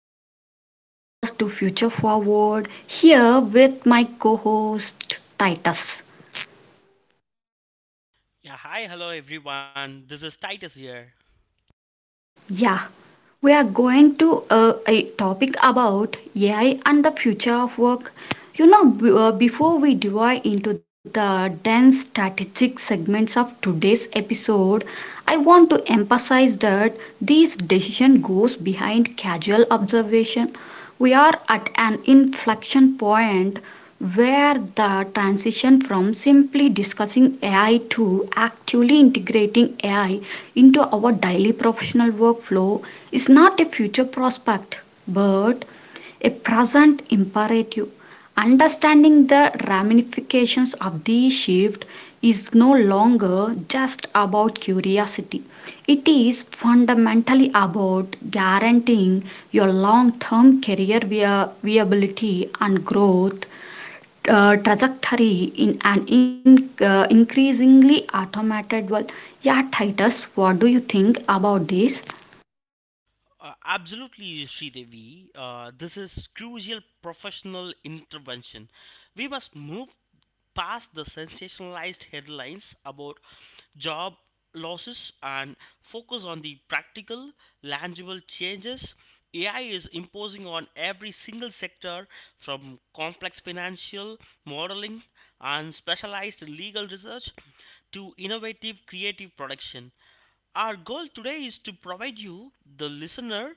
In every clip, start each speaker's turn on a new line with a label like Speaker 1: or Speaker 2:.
Speaker 1: back to the broadcast to Future Forward here with my co host Titus.
Speaker 2: Yeah, hi, hello everyone. This is Titus here.
Speaker 1: Yeah, we are going to a topic about AI and the future of work. Before we dive into the dense strategic segments of today's episode, I want to emphasize that this decision goes behind casual observation. We are at an inflection point where the transition from simply discussing AI to actually integrating AI into our daily professional workflow is not a future prospect, but a present imperative. Understanding the ramifications of this shift is no longer just about curiosity. It is fundamentally about guaranteeing your long term career via viability and growth trajectory in an increasingly automated world. Yeah, Titus, what do you think about this?
Speaker 2: Absolutely, Sridevi. This is crucial professional intervention. We must move past the sensationalized headlines about job losses and focus on the practical, tangible changes AI is imposing on every single sector, from complex financial modeling and specialized legal research to innovative creative production. Our goal today is to provide you, the listener,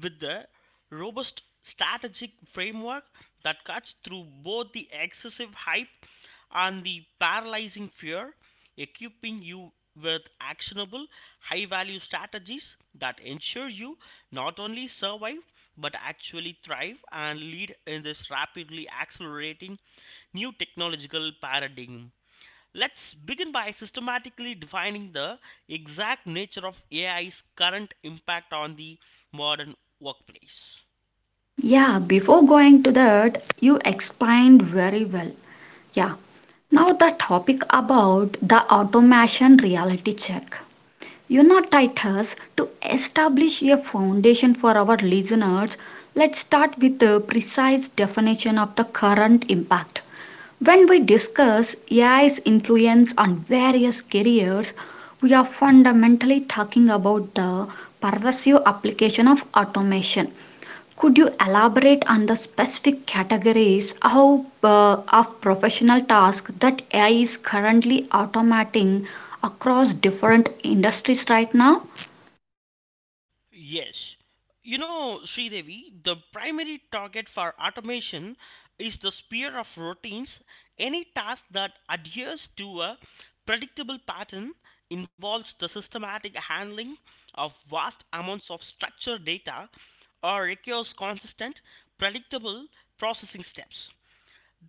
Speaker 2: with the robust strategic framework that cuts through both the excessive hype and the paralyzing fear, equipping you with actionable, high value strategies that ensure you not only survive but actually thrive and lead in this rapidly accelerating new technological paradigm. Let's begin by systematically defining the exact nature of AI's current impact on the modern workplace.
Speaker 1: Yeah, before going to that, you explained very well. Yeah. Now the topic about the automation reality check. You know, Titus, to establish a foundation for our listeners, let's start with the precise definition of the current impact. When we discuss AI's influence on various careers, we are fundamentally talking about the pervasive application of automation. Could you elaborate on the specific categories of of professional tasks that AI is currently automating across different industries right now?
Speaker 2: Yes, you know, Sridevi, the primary target for automation is the sphere of routines. Any task that adheres to a predictable pattern involves the systematic handling of vast amounts of structured data, or requires consistent, predictable processing steps.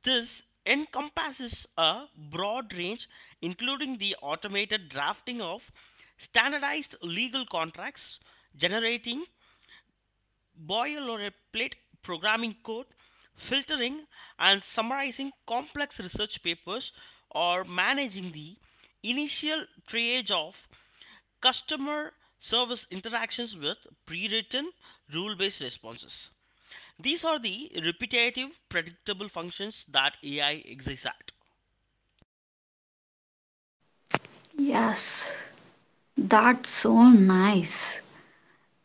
Speaker 2: This encompasses a broad range, including the automated drafting of standardized legal contracts, generating boil or a plate programming code, filtering and summarizing complex research papers, or managing the initial triage of customer service interactions with pre written rule based responses. These are the repetitive, predictable functions that AI exists at.
Speaker 1: Yes, that's so nice.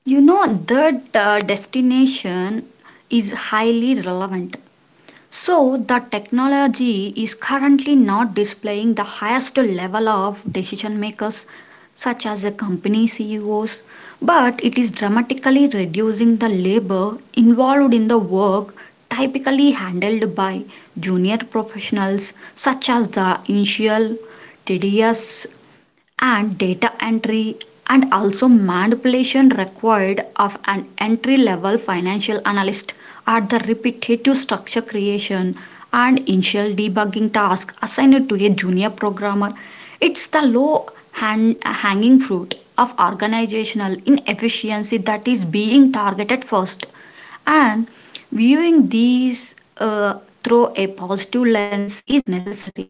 Speaker 1: You know, that destination is highly relevant. So, the technology is currently not displaying the highest level of decision makers, such as the company CEOs, but it is dramatically reducing the labor involved in the work typically handled by junior professionals, such as the initial tedious and data entry and also manipulation required of an entry level financial analyst are the repetitive structure creation and initial debugging tasks assigned to a junior programmer. It's the low hand, hanging fruit of organizational inefficiency that is being targeted first. And viewing these through a positive lens is necessary.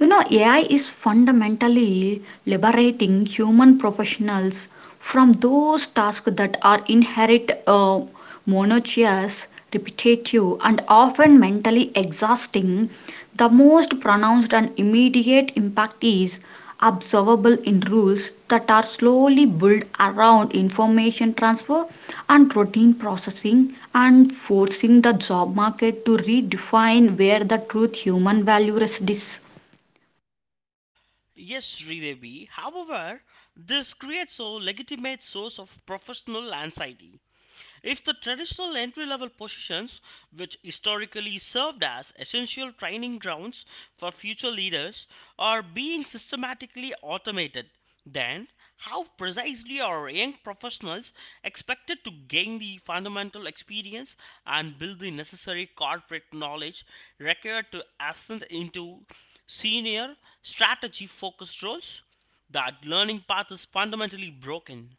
Speaker 1: You know, AI is fundamentally liberating human professionals from those tasks that are inherent, monotonous, repetitive, and often mentally exhausting. The most pronounced and immediate impact is observable in rules that are slowly built around information transfer and routine processing and forcing the job market to redefine where the truth human value resides.
Speaker 2: Yes, Sridevi. However, this creates a legitimate source of professional anxiety. If the traditional entry level positions, which historically served as essential training grounds for future leaders, are being systematically automated, then how precisely are young professionals expected to gain the fundamental experience and build the necessary corporate knowledge required to ascend into senior strategy focused roles? That learning path is fundamentally broken.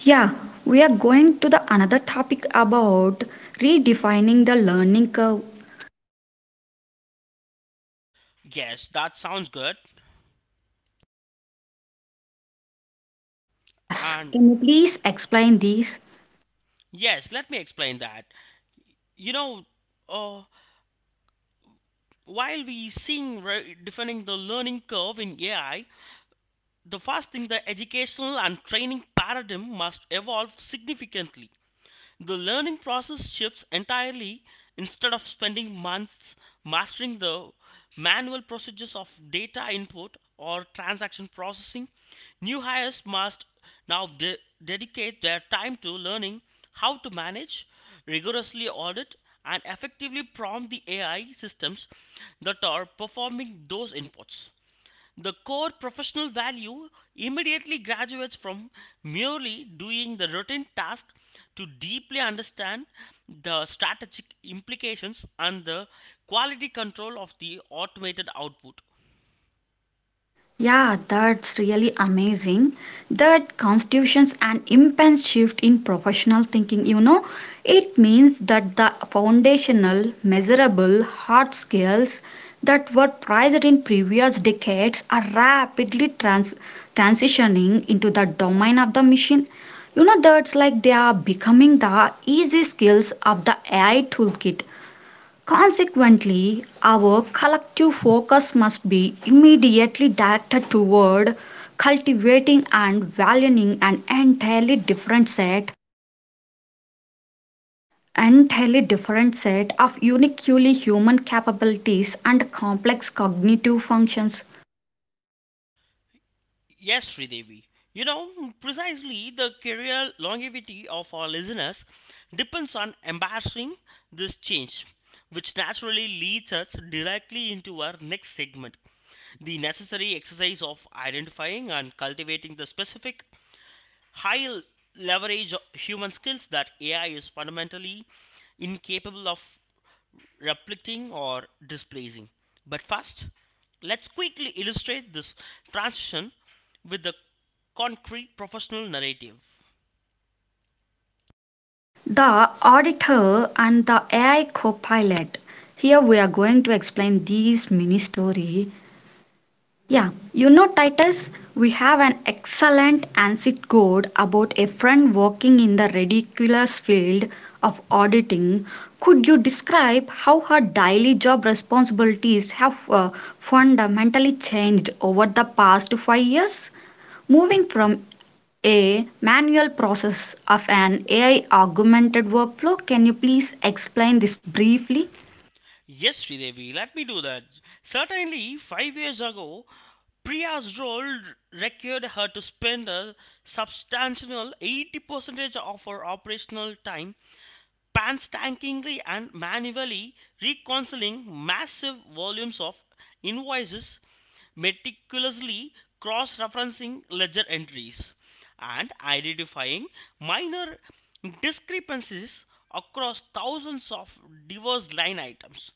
Speaker 1: Yeah, we are going to the another topic about redefining the learning curve.
Speaker 2: Yes, that sounds good.
Speaker 1: Yes,
Speaker 2: And
Speaker 1: can you please explain this?
Speaker 2: yes, let me explain that. You know, uh, while we seeing defining the learning curve in AI, the first thing, the educational and training paradigm must evolve significantly. The learning process shifts entirely. Instead of spending months mastering the manual procedures of data input or transaction processing, new hires must now dedicate their time to learning how to manage, rigorously audit, and effectively prompt the AI systems that are performing those inputs. The core professional value immediately graduates from merely doing the routine task to deeply understand the strategic implications and the quality control of the automated output.
Speaker 1: Yeah, that's really amazing. That constitutes an immense shift in professional thinking. You know, it means that the foundational, measurable, hard skills that were prized in previous decades are rapidly transitioning into the domain of the machine. You know, that's like they are becoming the easy skills of the AI toolkit. Consequently, our collective focus must be immediately directed toward cultivating and valuing an entirely different set of uniquely human capabilities and complex cognitive functions.
Speaker 2: Yes, Sridevi. You know, precisely, the career longevity of our listeners depends on embracing this change, which naturally leads us directly into our next segment: the necessary exercise of identifying and cultivating the specific high leverage human skills that AI is fundamentally incapable of replicating or displacing. But first, let's quickly illustrate this transition with the concrete professional narrative.
Speaker 1: The auditor and the AI copilot. Here we are going to explain these mini story. Yeah, you know, Titus, we have an excellent ANSIT code about a friend working in the ridiculous field of auditing. Could you describe how her daily job responsibilities have fundamentally changed over the past 5 years? Moving from a manual process of an AI augmented workflow, can you please explain this briefly?
Speaker 2: Yes, Sridevi, let me do that. Certainly, 5 years ago, Priya's role required her to spend a substantial 80% of her operational time painstakingly and manually reconciling massive volumes of invoices, meticulously cross referencing ledger entries, and identifying minor discrepancies across thousands of diverse line items.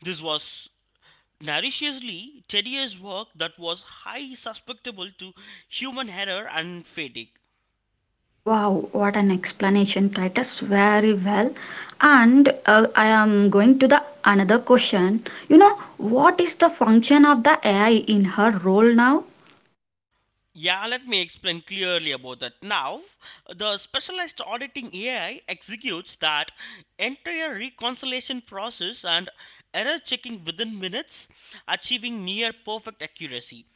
Speaker 2: This was notoriously tedious work that was highly susceptible to human error and fatigue.
Speaker 1: Wow, what an explanation, Titus. Very well. And I am going to the another question. You know, what is the function of the AI in her role now?
Speaker 2: Yeah, let me explain clearly about that. Now, the specialized auditing AI executes that entire reconciliation process and error checking within minutes, achieving near perfect accuracy.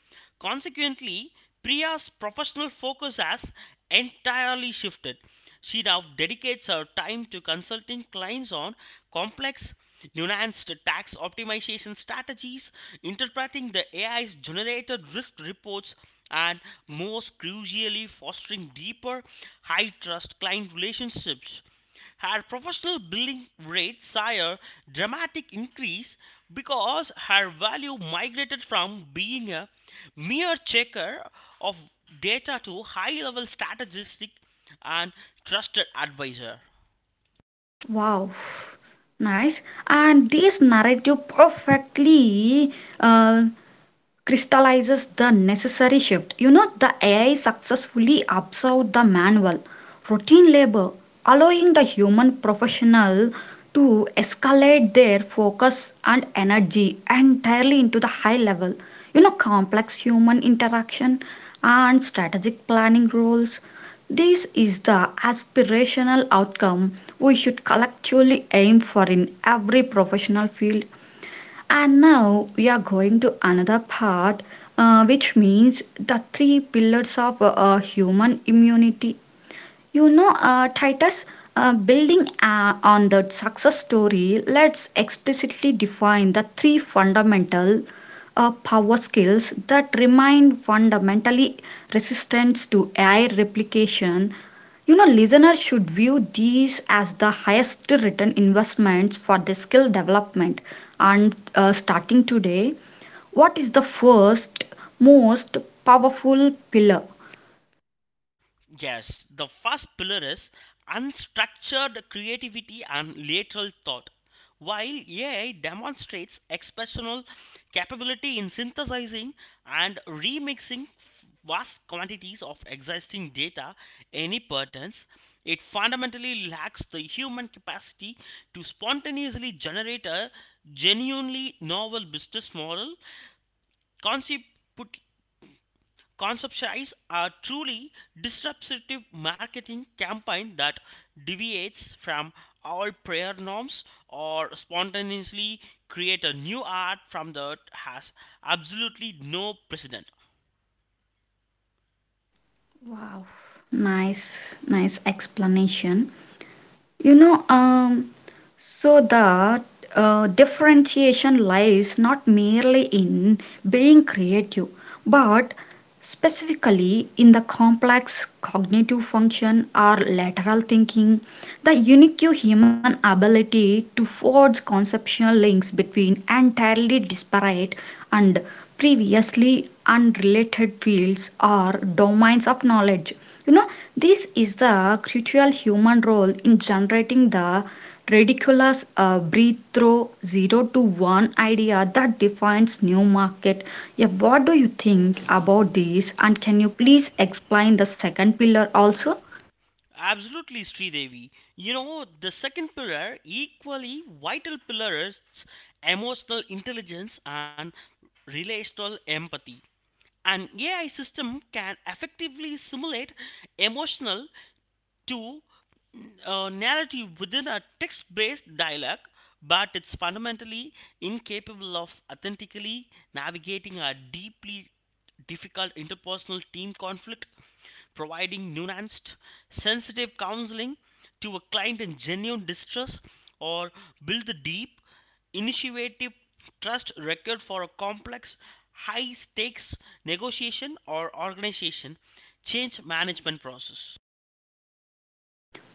Speaker 2: Consequently, Priya's professional focus has entirely shifted. She now dedicates her time to consulting clients on complex, nuanced tax optimization strategies, interpreting the AI's generated risk reports, and, most crucially, fostering deeper, high trust client relationships. Her professional billing rate saw a dramatic increase because her value migrated from being a mere checker of data to high level strategist and trusted advisor.
Speaker 1: Wow, nice. And this narrative perfectly uh, crystallizes the necessary shift. You know, the AI successfully absorbed the manual, routine labor, allowing the human professional to escalate their focus and energy entirely into the high level, you know, complex human interaction and strategic planning roles. This is the aspirational outcome we should collectively aim for in every professional field, and now we are going to another part, which means the three pillars of human immunity. Titus, building on that success story, let's explicitly define the three fundamental power skills that remain fundamentally resistant to AI replication. You know, listeners should view these as the highest return investments for their skill development. And starting today, what is the first, most powerful pillar?
Speaker 2: Yes, the first pillar is unstructured creativity and lateral thought. While AI demonstrates exceptional capability in synthesizing and remixing vast quantities of existing data, any patterns, it fundamentally lacks the human capacity to spontaneously generate a genuinely novel business model concept. Conceptualize a truly disruptive marketing campaign that deviates from all prior norms, or spontaneously create a new art from that has absolutely no precedent.
Speaker 1: Wow, nice, nice explanation. You know, um, so the differentiation lies not merely in being creative, but specifically in the complex cognitive function or lateral thinking, the unique human ability to forge conceptual links between entirely disparate and previously unrelated fields or domains of knowledge. You know, this is the crucial human role in generating the ridiculous breathe zero to one idea that defines new market. Yeah, what do you think about this? And can you please explain the second pillar also?
Speaker 2: Absolutely, Sridevi. You know, the second pillar, equally vital pillar, is emotional intelligence and relational empathy. An AI system can effectively simulate emotional to narrative within a text based dialogue, but it's fundamentally incapable of authentically navigating a deeply difficult interpersonal team conflict, providing nuanced, sensitive counseling to a client in genuine distress, or build the deep, initiative trust record for a complex, high stakes negotiation or organization change management process.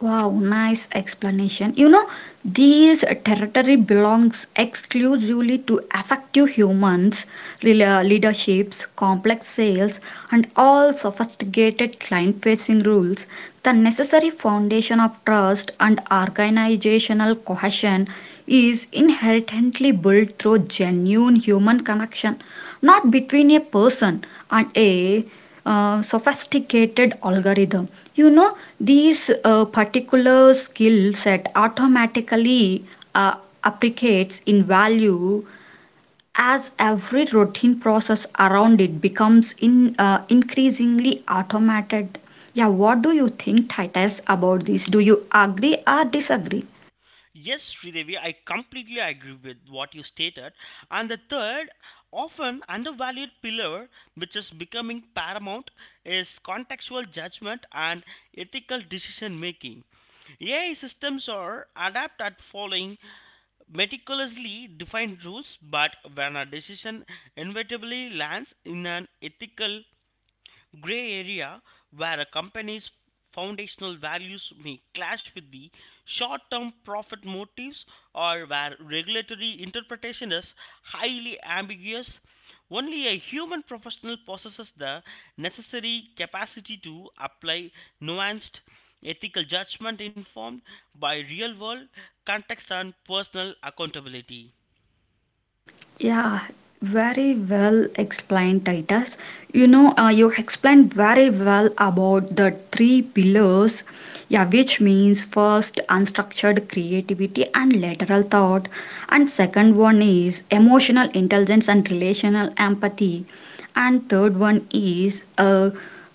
Speaker 1: Wow, nice explanation. You know, this territory belongs exclusively to effective humans, leaderships, complex sales, and all sophisticated client facing rules. The necessary foundation of trust and organizational cohesion is inherently built through genuine human connection, not between a person and a sophisticated algorithm. You know, these particular skill set automatically uh, appreciates in value as every routine process around it becomes in increasingly automated. Yeah, what do you think, Titus, about this? Do you agree or disagree?
Speaker 2: Yes, Sridevi, I completely agree with what you stated. And the third, often undervalued pillar, which is becoming paramount, is contextual judgment and ethical decision making. AI systems are adept at following meticulously defined rules, but when a decision inevitably lands in an ethical gray area, where a company's foundational values may clash with the short term profit motives, or where regulatory interpretation is highly ambiguous. Only a human professional possesses the necessary capacity to apply nuanced ethical judgment informed by real world context and personal accountability.
Speaker 1: Yeah, very well explained, Titus. You know, you explained very well about the three pillars, yeah, which means first unstructured creativity and lateral thought, and second one is emotional intelligence and relational empathy, and third one is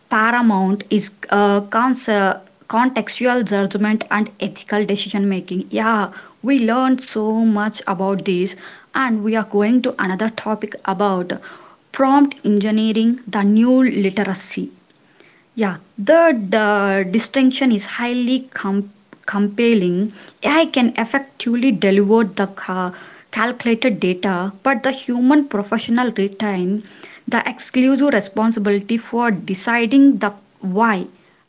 Speaker 1: paramount is uh, conce- contextual judgment and ethical decision making. Yeah, we learned so much about this, and we are going to another topic about prompt engineering, the new literacy. Yeah, the distinction is highly compelling. AI can effectively deliver the calculated data, but the human professional retain the exclusive responsibility for deciding the why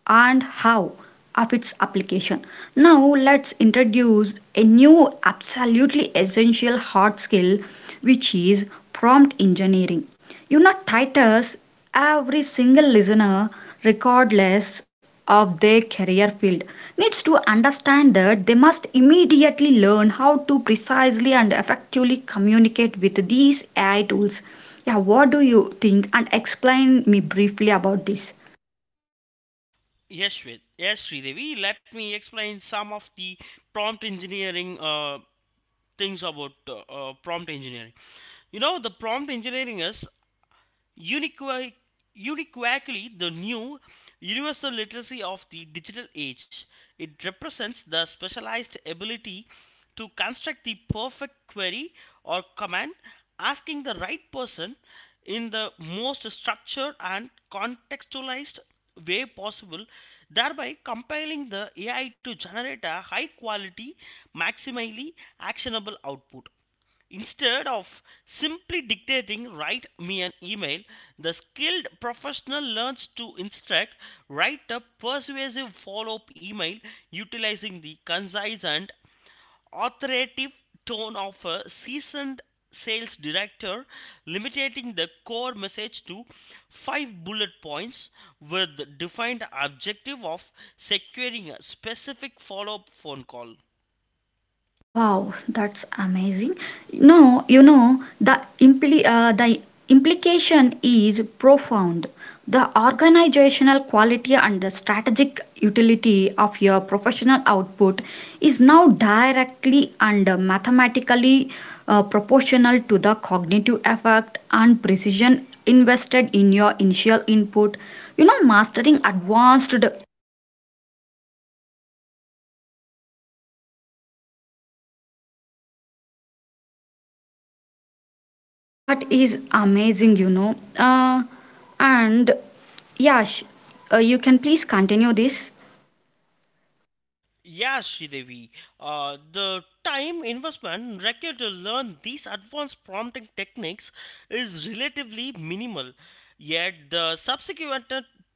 Speaker 1: and how of its application. Now let's introduce a new absolutely essential hard skill which is prompt engineering. You know Titus, every single listener regardless of their career field needs to understand that they must immediately learn how to precisely and effectively communicate with these AI tools. Yeah, what do you think and explain me briefly about this?
Speaker 2: Yes, Shwet. Yes, Sridevi. Let me explain some of the prompt engineering things about prompt engineering. You know, the prompt engineering is Uniqua- uniquely the new universal literacy of the digital age. It represents the specialized ability to construct the perfect query or command, asking the right person in the most structured and contextualized way possible, thereby compelling the AI to generate a high quality, maximally actionable output. Instead of simply dictating, write me an email, the skilled professional learns to instruct, write a persuasive follow up email utilizing the concise and authoritative tone of a seasoned sales director, limiting the core message to five bullet points with the defined objective of securing a specific follow up phone call.
Speaker 1: Wow, that's amazing. No, you know, the implication is profound. The organizational quality and the strategic utility of your professional output is now directly and mathematically proportional to the cognitive effect and precision invested in your initial input. You know, mastering advanced. That is amazing, you know. And Yash, you can please continue this.
Speaker 2: Yeah, Sridevi. The time investment required to learn these advanced prompting techniques is relatively minimal, yet the subsequent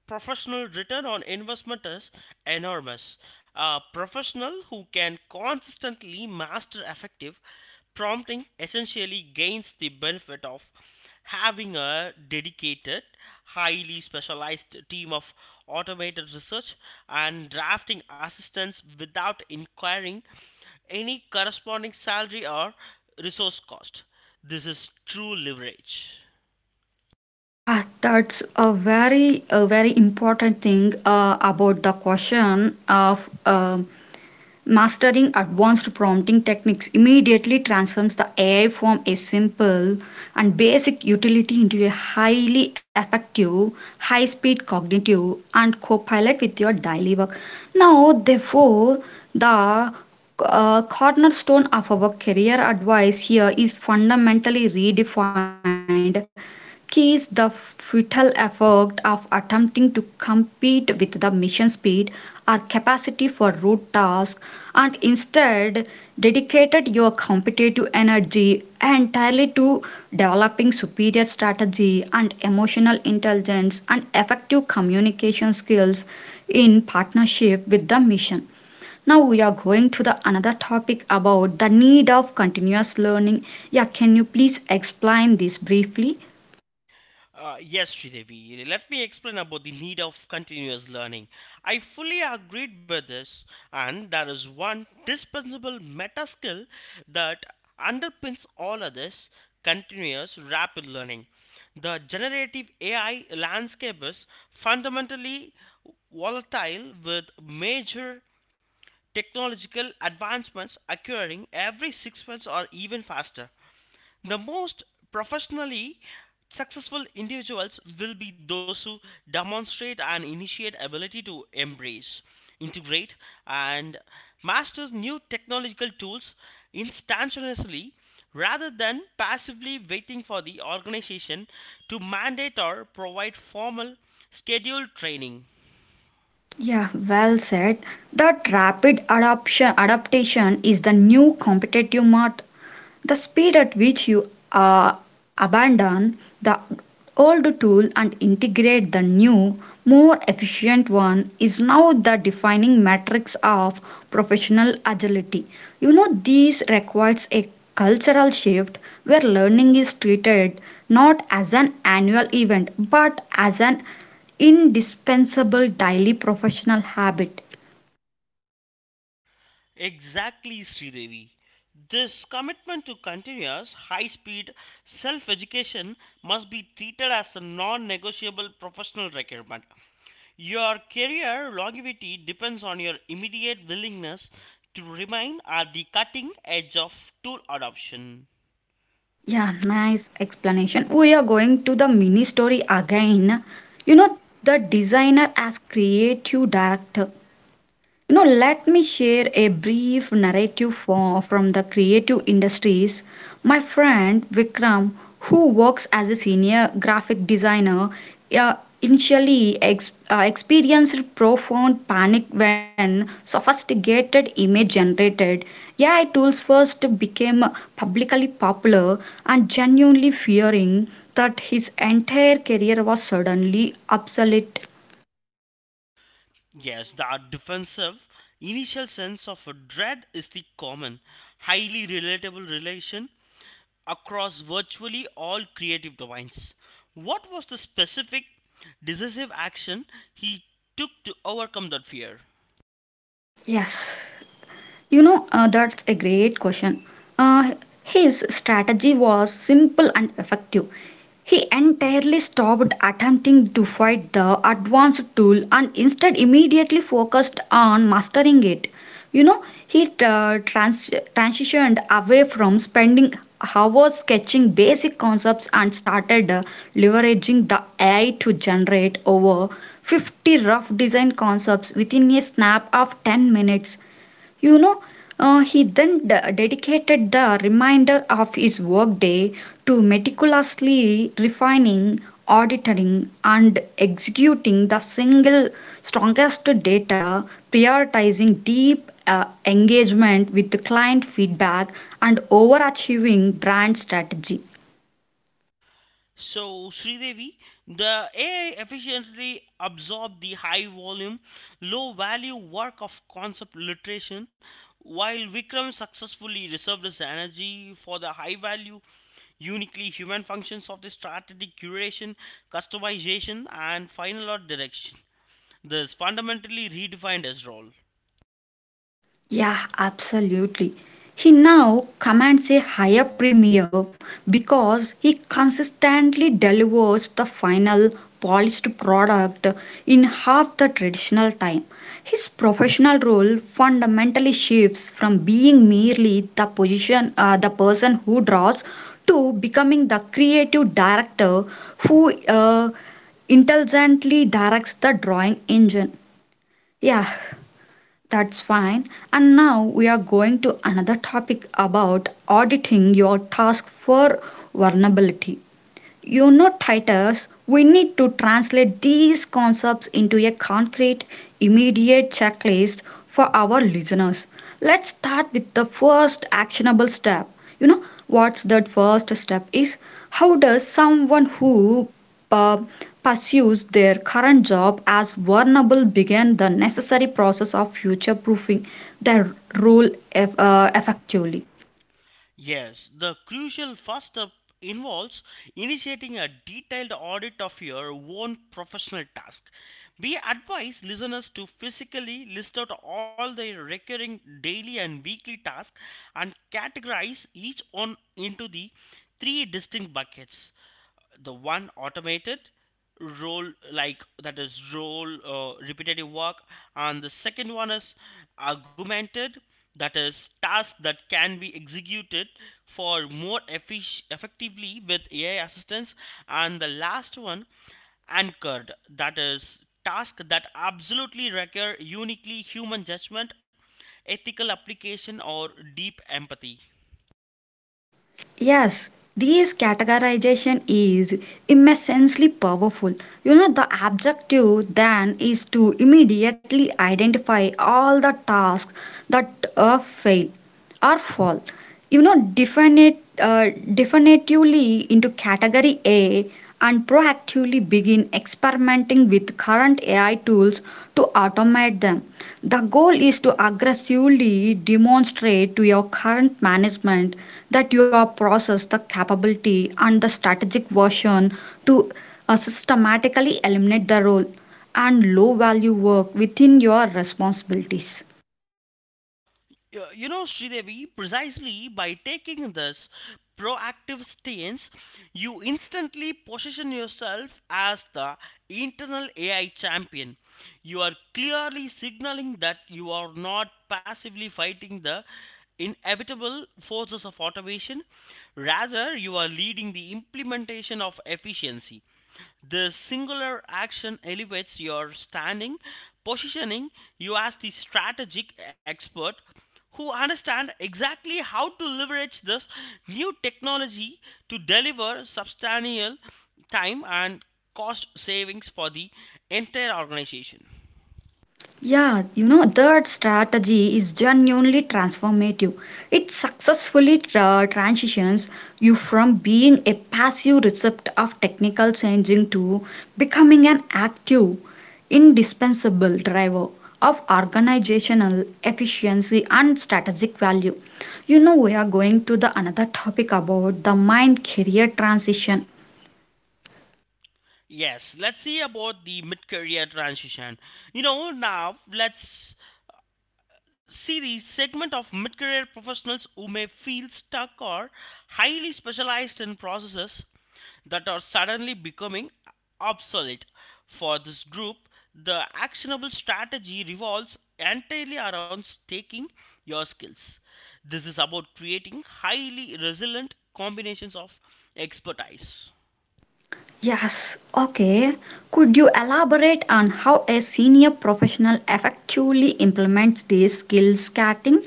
Speaker 2: professional return on investment is enormous. A professional who can consistently master effective prompting essentially gains the benefit of having a dedicated, highly specialized team of automated research and drafting assistants without inquiring any corresponding salary or resource cost. This is true leverage.
Speaker 1: Yeah, that's a very important thing about the question of mastering advanced prompting techniques immediately transforms the AI from a simple and basic utility into a highly effective, high speed cognitive and co-pilot with your daily work. Now, therefore, the cornerstone of our career advice here is fundamentally redefined keys the futile effort of attempting to compete with the mission speed or capacity for root tasks and instead dedicated your competitive energy entirely to developing superior strategy and emotional intelligence and effective communication skills in partnership with the mission. Now we are going to the another topic about the need of continuous learning. Yeah, can you please explain this briefly?
Speaker 2: Yes, Sridevi, let me explain about the need of continuous learning. I fully agreed with this, and there is one dispensable meta skill that underpins all others: continuous rapid learning. The generative AI landscape is fundamentally volatile, with major technological advancements occurring every 6 months or even faster. The most professionally successful individuals will be those who demonstrate and initiate ability to embrace, integrate, and master new technological tools instantaneously, rather than passively waiting for the organization to mandate or provide formal scheduled training.
Speaker 1: Yeah, well said. That rapid adoption, adaptation is the new competitive mode. The speed at which you abandon the old tool and integrate the new, more efficient one is now the defining metrics of professional agility. You know, this requires a cultural shift where learning is treated not as an annual event but as an indispensable daily professional habit.
Speaker 2: Exactly, Sridevi. This commitment to continuous high speed self education must be treated as a non negotiable professional requirement. Your career longevity depends on your immediate willingness to remain at the cutting edge of tool adoption.
Speaker 1: Yeah, nice explanation. We are going to the mini story again. You know, the designer as creative director. You know, let me share a brief narrative from the creative industries. My friend Vikram, who works as a senior graphic designer, uh, initially experienced profound panic when sophisticated image generated AI tools first became publicly popular and genuinely fearing that his entire career was suddenly obsolete.
Speaker 2: Yes, the defensive initial sense of dread is the common, highly relatable relation across virtually all creative domains. What was the specific decisive action he took to overcome that fear?
Speaker 1: Yes. You know, that's a great question. Uh, his strategy was simple and effective. He entirely stopped attempting to fight the advanced tool and instead immediately focused on mastering it. You know, he transitioned away from spending hours sketching basic concepts and started leveraging the AI to generate over 50 rough design concepts within a snap of 10 minutes. You know, he then dedicated the remainder of his workday to meticulously refining, auditing, and executing the single strongest data, prioritizing deep engagement with the client feedback, and overachieving brand strategy.
Speaker 2: So, Sridevi, the AI efficiently absorbed the high volume, low value work of concept literation, while Vikram successfully reserved his energy for the high value, uniquely human functions of the strategic curation, customization, and final art direction. This fundamentally redefined his role.
Speaker 1: Yeah, absolutely. He now commands a higher premium because he consistently delivers the final polished product in half the traditional time. His professional role fundamentally shifts from being merely the person who draws to becoming the creative director who intelligently directs the drawing engine. Yeah, that's fine. And now we are going to another topic about auditing your task for vulnerability. You know, Titus, we need to translate these concepts into a concrete, immediate checklist for our listeners. Let's start with the first actionable step. You know, what's that first step is? How does someone who uh, pursues their current job as vulnerable begin the necessary process of future proofing their role effectively?
Speaker 2: Yes, the crucial first step involves initiating a detailed audit of your own professional task. We advise listeners to physically list out all their recurring daily and weekly tasks, and categorize each one into the three distinct buckets: the one, automated, role like that is role repetitive work; and the second one is augmented, that is task that can be executed for more effectively with AI assistance; and the last one, anchored, that is task that absolutely require uniquely human judgment, ethical application, or deep empathy.
Speaker 1: Yes, this categorization is immensely powerful. You know, the objective then is to immediately identify all the tasks that fail or fall. Definitively into category A and proactively begin experimenting with current AI tools to automate them. The goal is to aggressively demonstrate to your current management that you are possess the capability and the strategic version to systematically eliminate the role and low value work within your responsibilities.
Speaker 2: You know, Sridevi, precisely by taking this proactive stance, you instantly position yourself as the internal AI champion. You are clearly signaling that you are not passively fighting the inevitable forces of automation, rather, you are leading the implementation of efficiency. The singular action elevates your standing, positioning you as the strategic expert who understand exactly how to leverage this new technology to deliver substantial time and cost savings for the entire organization.
Speaker 1: Yeah, you know, that strategy is genuinely transformative. It successfully transitions you from being a passive recipient of technical changing to becoming an active, indispensable driver of organizational efficiency and strategic value. You know, we are going to the another topic about the mind career transition.
Speaker 2: Yes, let's see about the mid career transition. You know, now let's see the segment of mid career professionals who may feel stuck or highly specialized in processes that are suddenly becoming obsolete. For this group, the actionable strategy revolves entirely around staking your skills. This is about creating highly resilient combinations of expertise.
Speaker 1: Yes, okay. Could you elaborate on how a senior professional effectively implements these skills, Kating?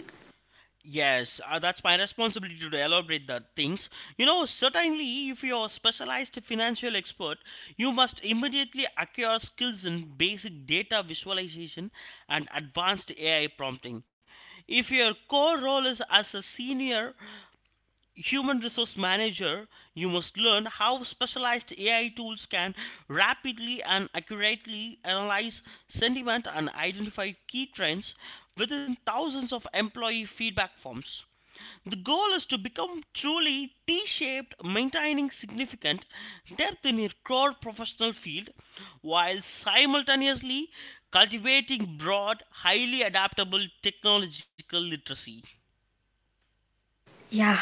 Speaker 2: Yes, that's my responsibility to elaborate the things. You know, certainly, if you're a specialized financial expert, you must immediately acquire skills in basic data visualization and advanced AI prompting. If your core role is as a senior human resource manager, you must learn how specialized AI tools can rapidly and accurately analyze sentiment and identify key trends within thousands of employee feedback forms. The goal is to become truly T shaped, maintaining significant depth in your core professional field while simultaneously cultivating broad, highly adaptable technological literacy.
Speaker 1: Yeah.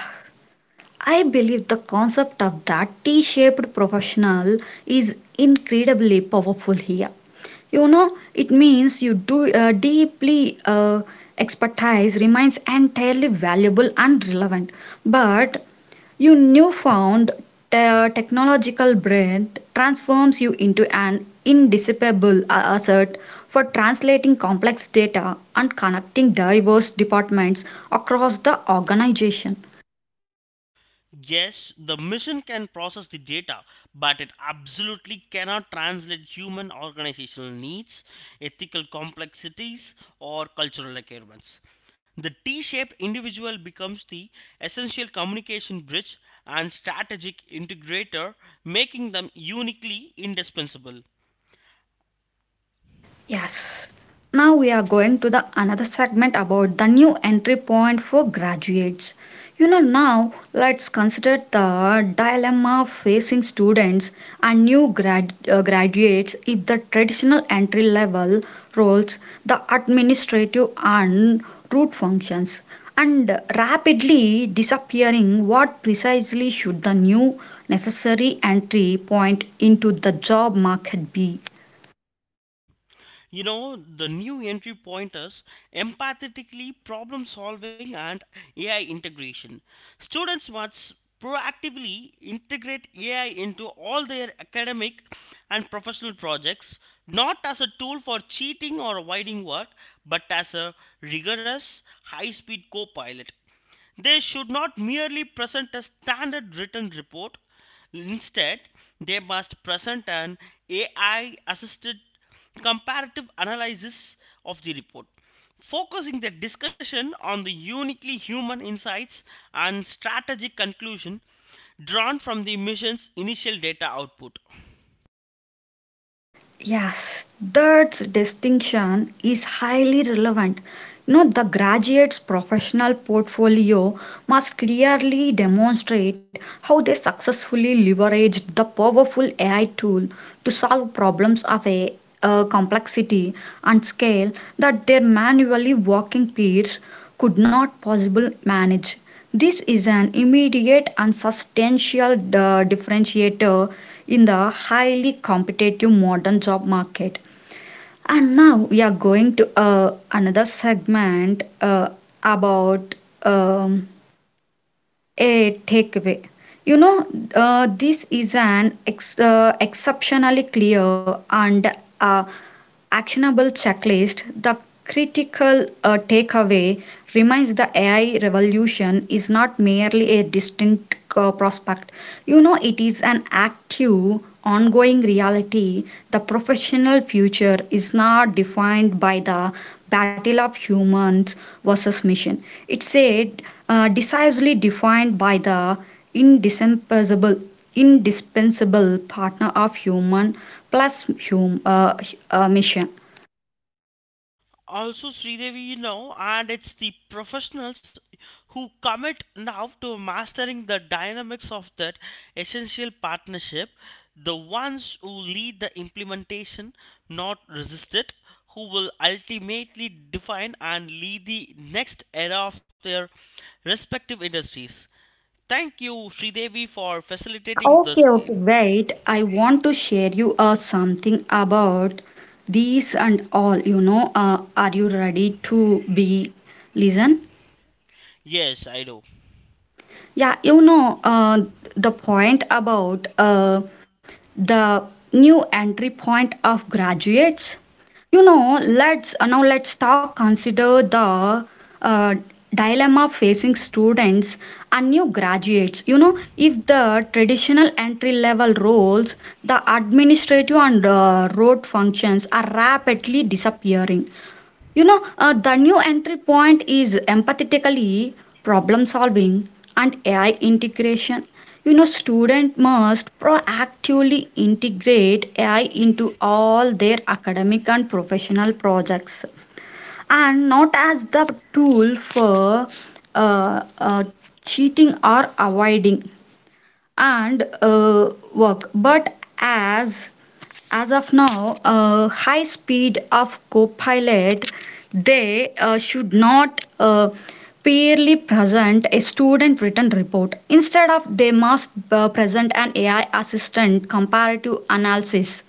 Speaker 1: I believe the concept of that T shaped professional is incredibly powerful here. You know, it means you do deeply expertise remains entirely valuable and relevant, but your newfound technological brain transforms you into an indispensable asset for translating complex data and connecting diverse departments across the organization.
Speaker 2: Yes, the machine can process the data, but it absolutely cannot translate human organizational needs, ethical complexities, or cultural requirements. The T shaped individual becomes the essential communication bridge and strategic integrator, making them uniquely indispensable.
Speaker 1: Yes. Now we are going to the another segment about the new entry point for graduates. You know, now let's consider the dilemma facing students and new graduates. If the traditional entry level roles, the administrative and root functions and rapidly disappearing, what precisely should the new necessary entry point into the job market be?
Speaker 2: You know, the new entry pointers: empathetically problem solving and AI integration. Students must proactively integrate AI into all their academic and professional projects, not as a tool for cheating or avoiding work, but as a rigorous high speed co-pilot. They should not merely present a standard written report. Instead, they must present an AI assisted comparative analysis of the report, focusing the discussion on the uniquely human insights and strategic conclusion drawn from the mission's initial data output.
Speaker 1: Yes, that distinction is highly relevant. You know, the graduate's professional portfolio must clearly demonstrate how they successfully leveraged the powerful AI tool to solve problems of a complexity and scale that their manually working peers could not possibly manage. This is an immediate and substantial differentiator in the highly competitive modern job market. And now we are going to another segment about um, a takeaway. You know, this is an exceptionally clear and uh, actionable checklist. The critical takeaway remains the AI revolution is not merely a distant prospect. You know, it is an active, ongoing reality. The professional future is not defined by the battle of humans versus machine. It's a decisively defined by the indispensable indispensable partner of human plus mission.
Speaker 2: Also, Sridevi, you know, and it's the professionals who commit now to mastering the dynamics of that essential partnership, the ones who lead the implementation, not resist it, who will ultimately define and lead the next era of their respective industries. Thank you, Sridevi, for
Speaker 1: Yeah,
Speaker 2: facilitating
Speaker 1: okay,
Speaker 2: this.
Speaker 1: okay. Wait, I want to share you something about these and all. You know, are you ready to be listen?
Speaker 2: Yes, I do.
Speaker 1: Yeah, you know, the point about the new entry point of graduates. You know, let's now let's talk consider the uh, dilemma facing students and new graduates. You know, if the traditional entry level roles, the administrative and road functions are rapidly disappearing, you know, the new entry point is empathetically problem solving and AI integration. You know, student must proactively integrate AI into all their academic and professional projects, and not as the tool for uh, uh, cheating or avoiding and work, but as of now, high speed of Copilot. They should not purely present a student written report. Instead of, they must present an AI assistant comparative analysis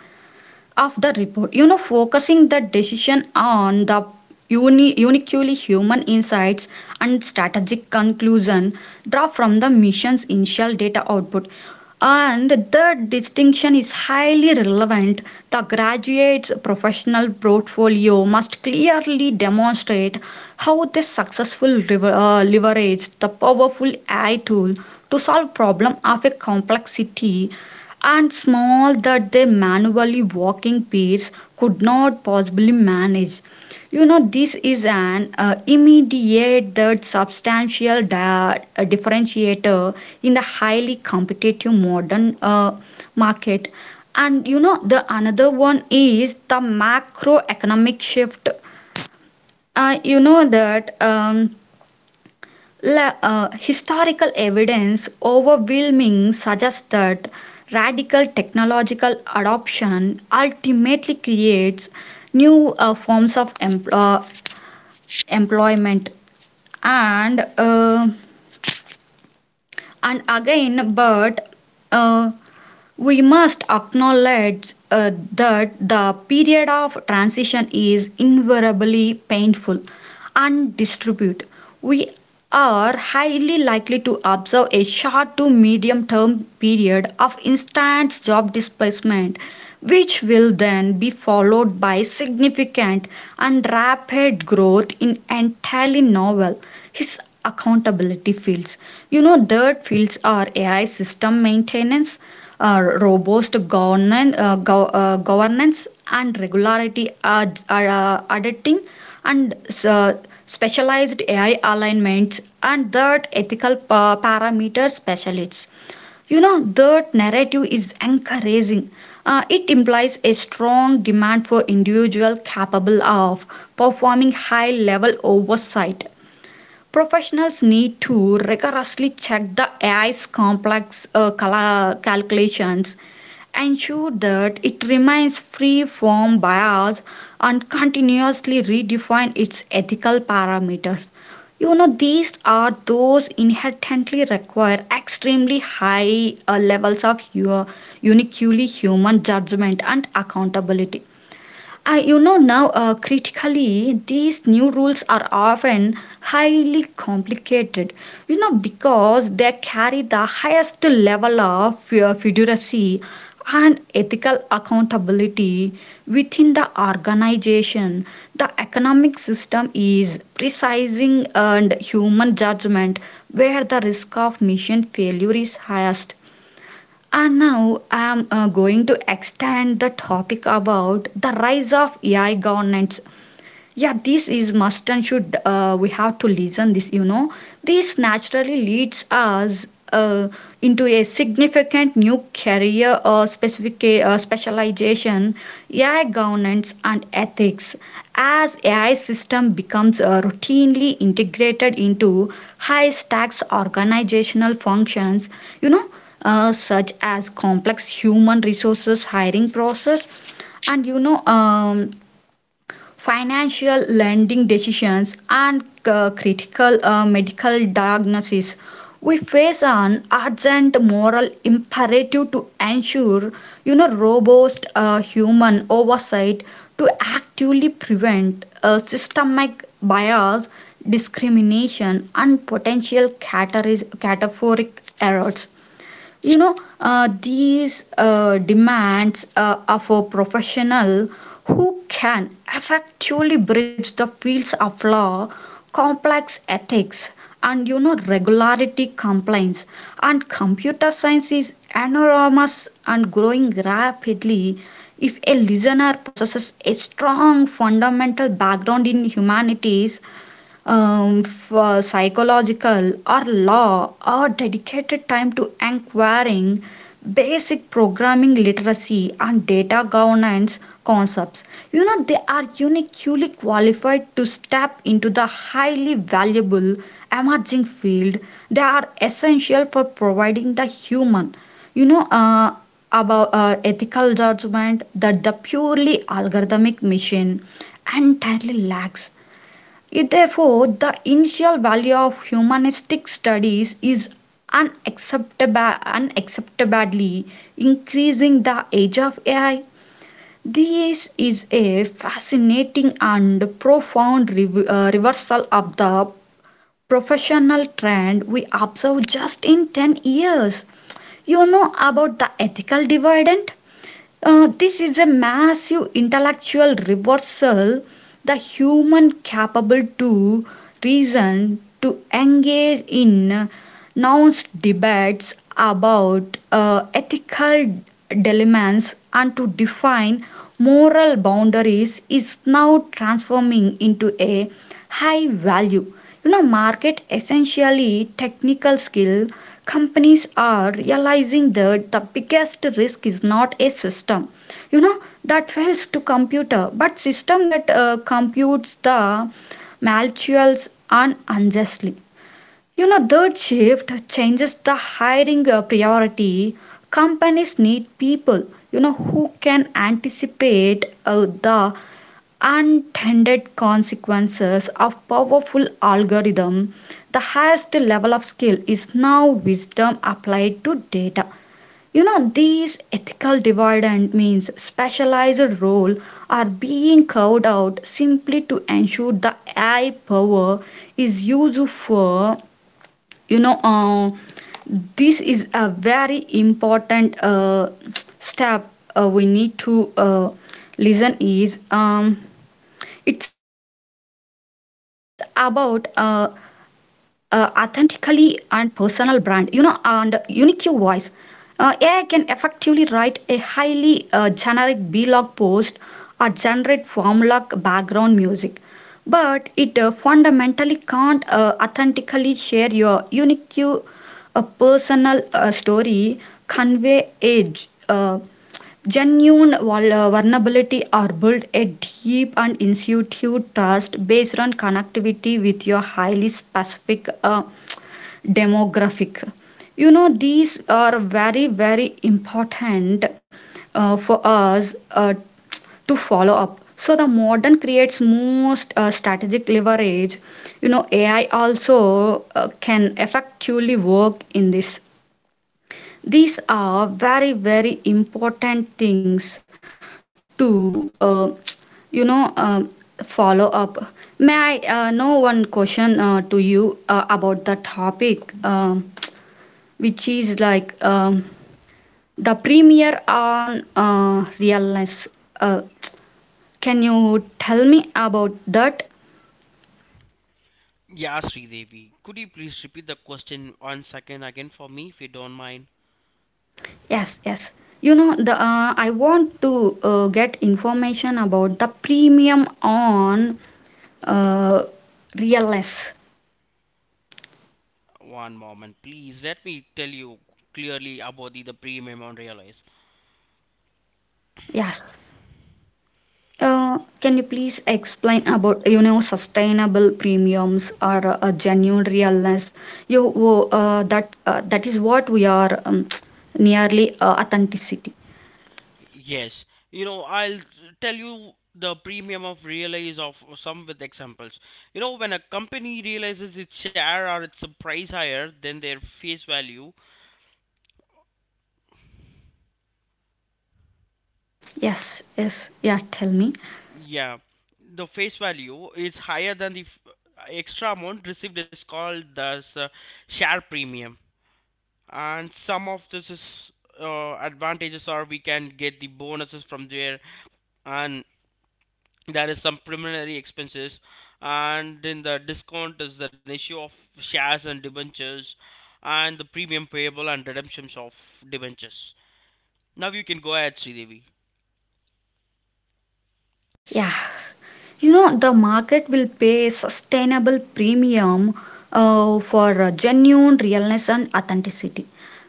Speaker 1: of the report. You know, focusing the decision on the uniquely human insights and strategic conclusion draw from the mission's initial data output. And the distinction is highly relevant. The graduate's professional portfolio must clearly demonstrate how they successfully leveraged the powerful AI tool to solve problem of a complexity and small that their manually walking peers could not possibly manage. You know, this is an immediate that substantial differentiator in the highly competitive modern market. And you know, the another one is the macroeconomic shift. You know that. Historical evidence overwhelming suggests that radical technological adoption ultimately creates new forms of employment and uh, and again but uh, we must acknowledge that the period of transition is invariably painful and distribute. We are highly likely to observe a short to medium term period of instant job displacement, which will then be followed by significant and rapid growth in entirely novel, his accountability fields. You know, third fields are AI system maintenance, robust governance, governance and regularity are auditing and uh, specialized AI alignments and that ethical parameter specialists. You know, that narrative is encouraging. It implies a strong demand for individual capable of performing high level oversight. Professionals need to rigorously check the AI's complex calculations, ensure that it remains free from bias, and continuously redefine its ethical parameters. You know, these are those inherently require extremely high levels of your uniquely human judgment and accountability. You know, now critically, these new rules are often highly complicated, you know, because they carry the highest level of fiduciary and ethical accountability within the organization. The economic system is precising and human judgment where the risk of mission failure is highest. And now I'm going to extend the topic about the rise of AI governance. Yeah, this is must and should, we have to listen this. You know, this naturally leads us uh, into a significant new career or specific specialization, AI governance and ethics. As AI system becomes routinely integrated into high stacks organizational functions, you know, such as complex human resources hiring process and, you know, financial lending decisions, and critical medical diagnosis. We face an urgent moral imperative to ensure, you know, robust human oversight to actively prevent systemic bias, discrimination, and potential categoric errors. You know, these demands are for professional who can effectively bridge the fields of law, complex ethics, and, you know, regularity compliance and computer science is enormous and growing rapidly. If a listener possesses a strong fundamental background in humanities, for psychological or law, or dedicated time to acquiring basic programming literacy and data governance concepts, you know, they are uniquely qualified to step into the highly valuable emerging field. They are essential for providing the human, you know, about ethical judgment that the purely algorithmic machine entirely lacks. It, therefore, the initial value of humanistic studies is unacceptably increasing the age of AI. This is a fascinating and profound reversal of the professional trend we observe just in 10 years. You know about the ethical dividend? This is a massive intellectual reversal. The human capable to reason, to engage in nuanced debates about ethical dilemmas, and to define moral boundaries is now transforming into a high value. You know, market essentially technical skill. Companies are realizing that the biggest risk is not a system, you know, that fails to computer, but system that computes the malicious and unjustly. You know, third shift changes the hiring priority. Companies need people, you know, who can anticipate the unintended consequences of powerful algorithm. The highest level of skill is now wisdom applied to data. You know, these ethical dividend means specialized role are being carved out simply to ensure the AI power is used for, you know, this is a very important step we need to listen is, it's about authentically and personal brand, you know, and unique voice. AI can effectively write a highly generic blog post or generate formula background music, but it fundamentally can't authentically share your unique personal story, convey age genuine vulnerability or build a deep and institute trust based on connectivity with your highly specific demographic. You know, these are very, very important for us to follow up. So the modern creates most strategic leverage. You know, AI also can effectively work in this. These are very very important things to, you know uh, follow up. May I know one question to you about the topic, which is like, the premiere on realness. uh, can you tell me about that?
Speaker 2: Yeah, Sridevi, could you please repeat the question once again for me if you don't mind?
Speaker 1: Yes, yes, you know, the I want to get information about the premium on uh, realness.
Speaker 2: One moment, please. Let me tell you clearly about the premium on Realize.
Speaker 1: Yes. Can you please explain about, you know, sustainable premiums or a genuine realness? You that that is what we are nearly authenticity.
Speaker 2: Yes, you know, I'll tell you the premium of Realize of some with examples. You know, when a company realizes its share or its price higher than their face value,
Speaker 1: Yes, yes, yeah. Tell me.
Speaker 2: yeah, the face value is higher than the extra amount received is called the share premium. And some of this is advantages, are we can get the bonuses from there. And there is some preliminary expenses. And in the discount is the ratio of shares and debentures, and the premium payable and redemptions of debentures. Now you can go ahead, Sridevi.
Speaker 1: Yeah, you know, the market will pay a sustainable premium for genuine realness and authenticity.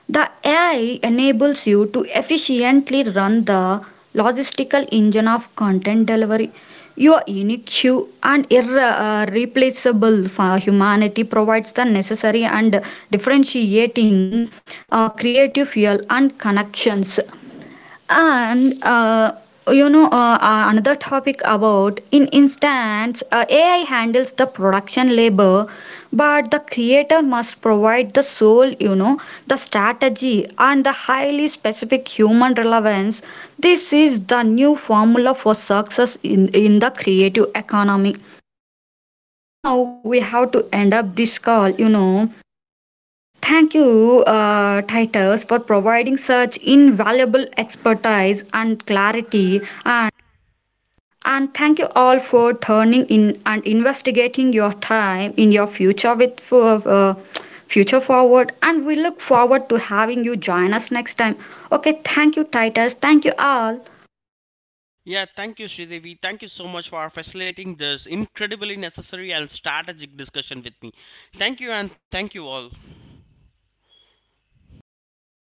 Speaker 1: The AI enables you to efficiently run the logistical engine of content delivery. Your unique queue and irreplaceable for humanity provides the necessary and differentiating creative fuel and connections and, another topic about in instance, AI handles the production labor, but the creator must provide the soul, you know, the strategy and the highly specific human relevance. This is the new formula for success in the creative economy. Now we have to end up this call, you know. Thank you, Titus, for providing such invaluable expertise and clarity. And thank you all for turning in and investigating your time in your future with for, uh, future forward. And we look forward to having you join us next time. Okay, thank you, Titus. Thank you all.
Speaker 2: Yeah, thank you, Sridevi. Thank you so much for facilitating this incredibly necessary and strategic discussion with me. Thank you, and thank you all.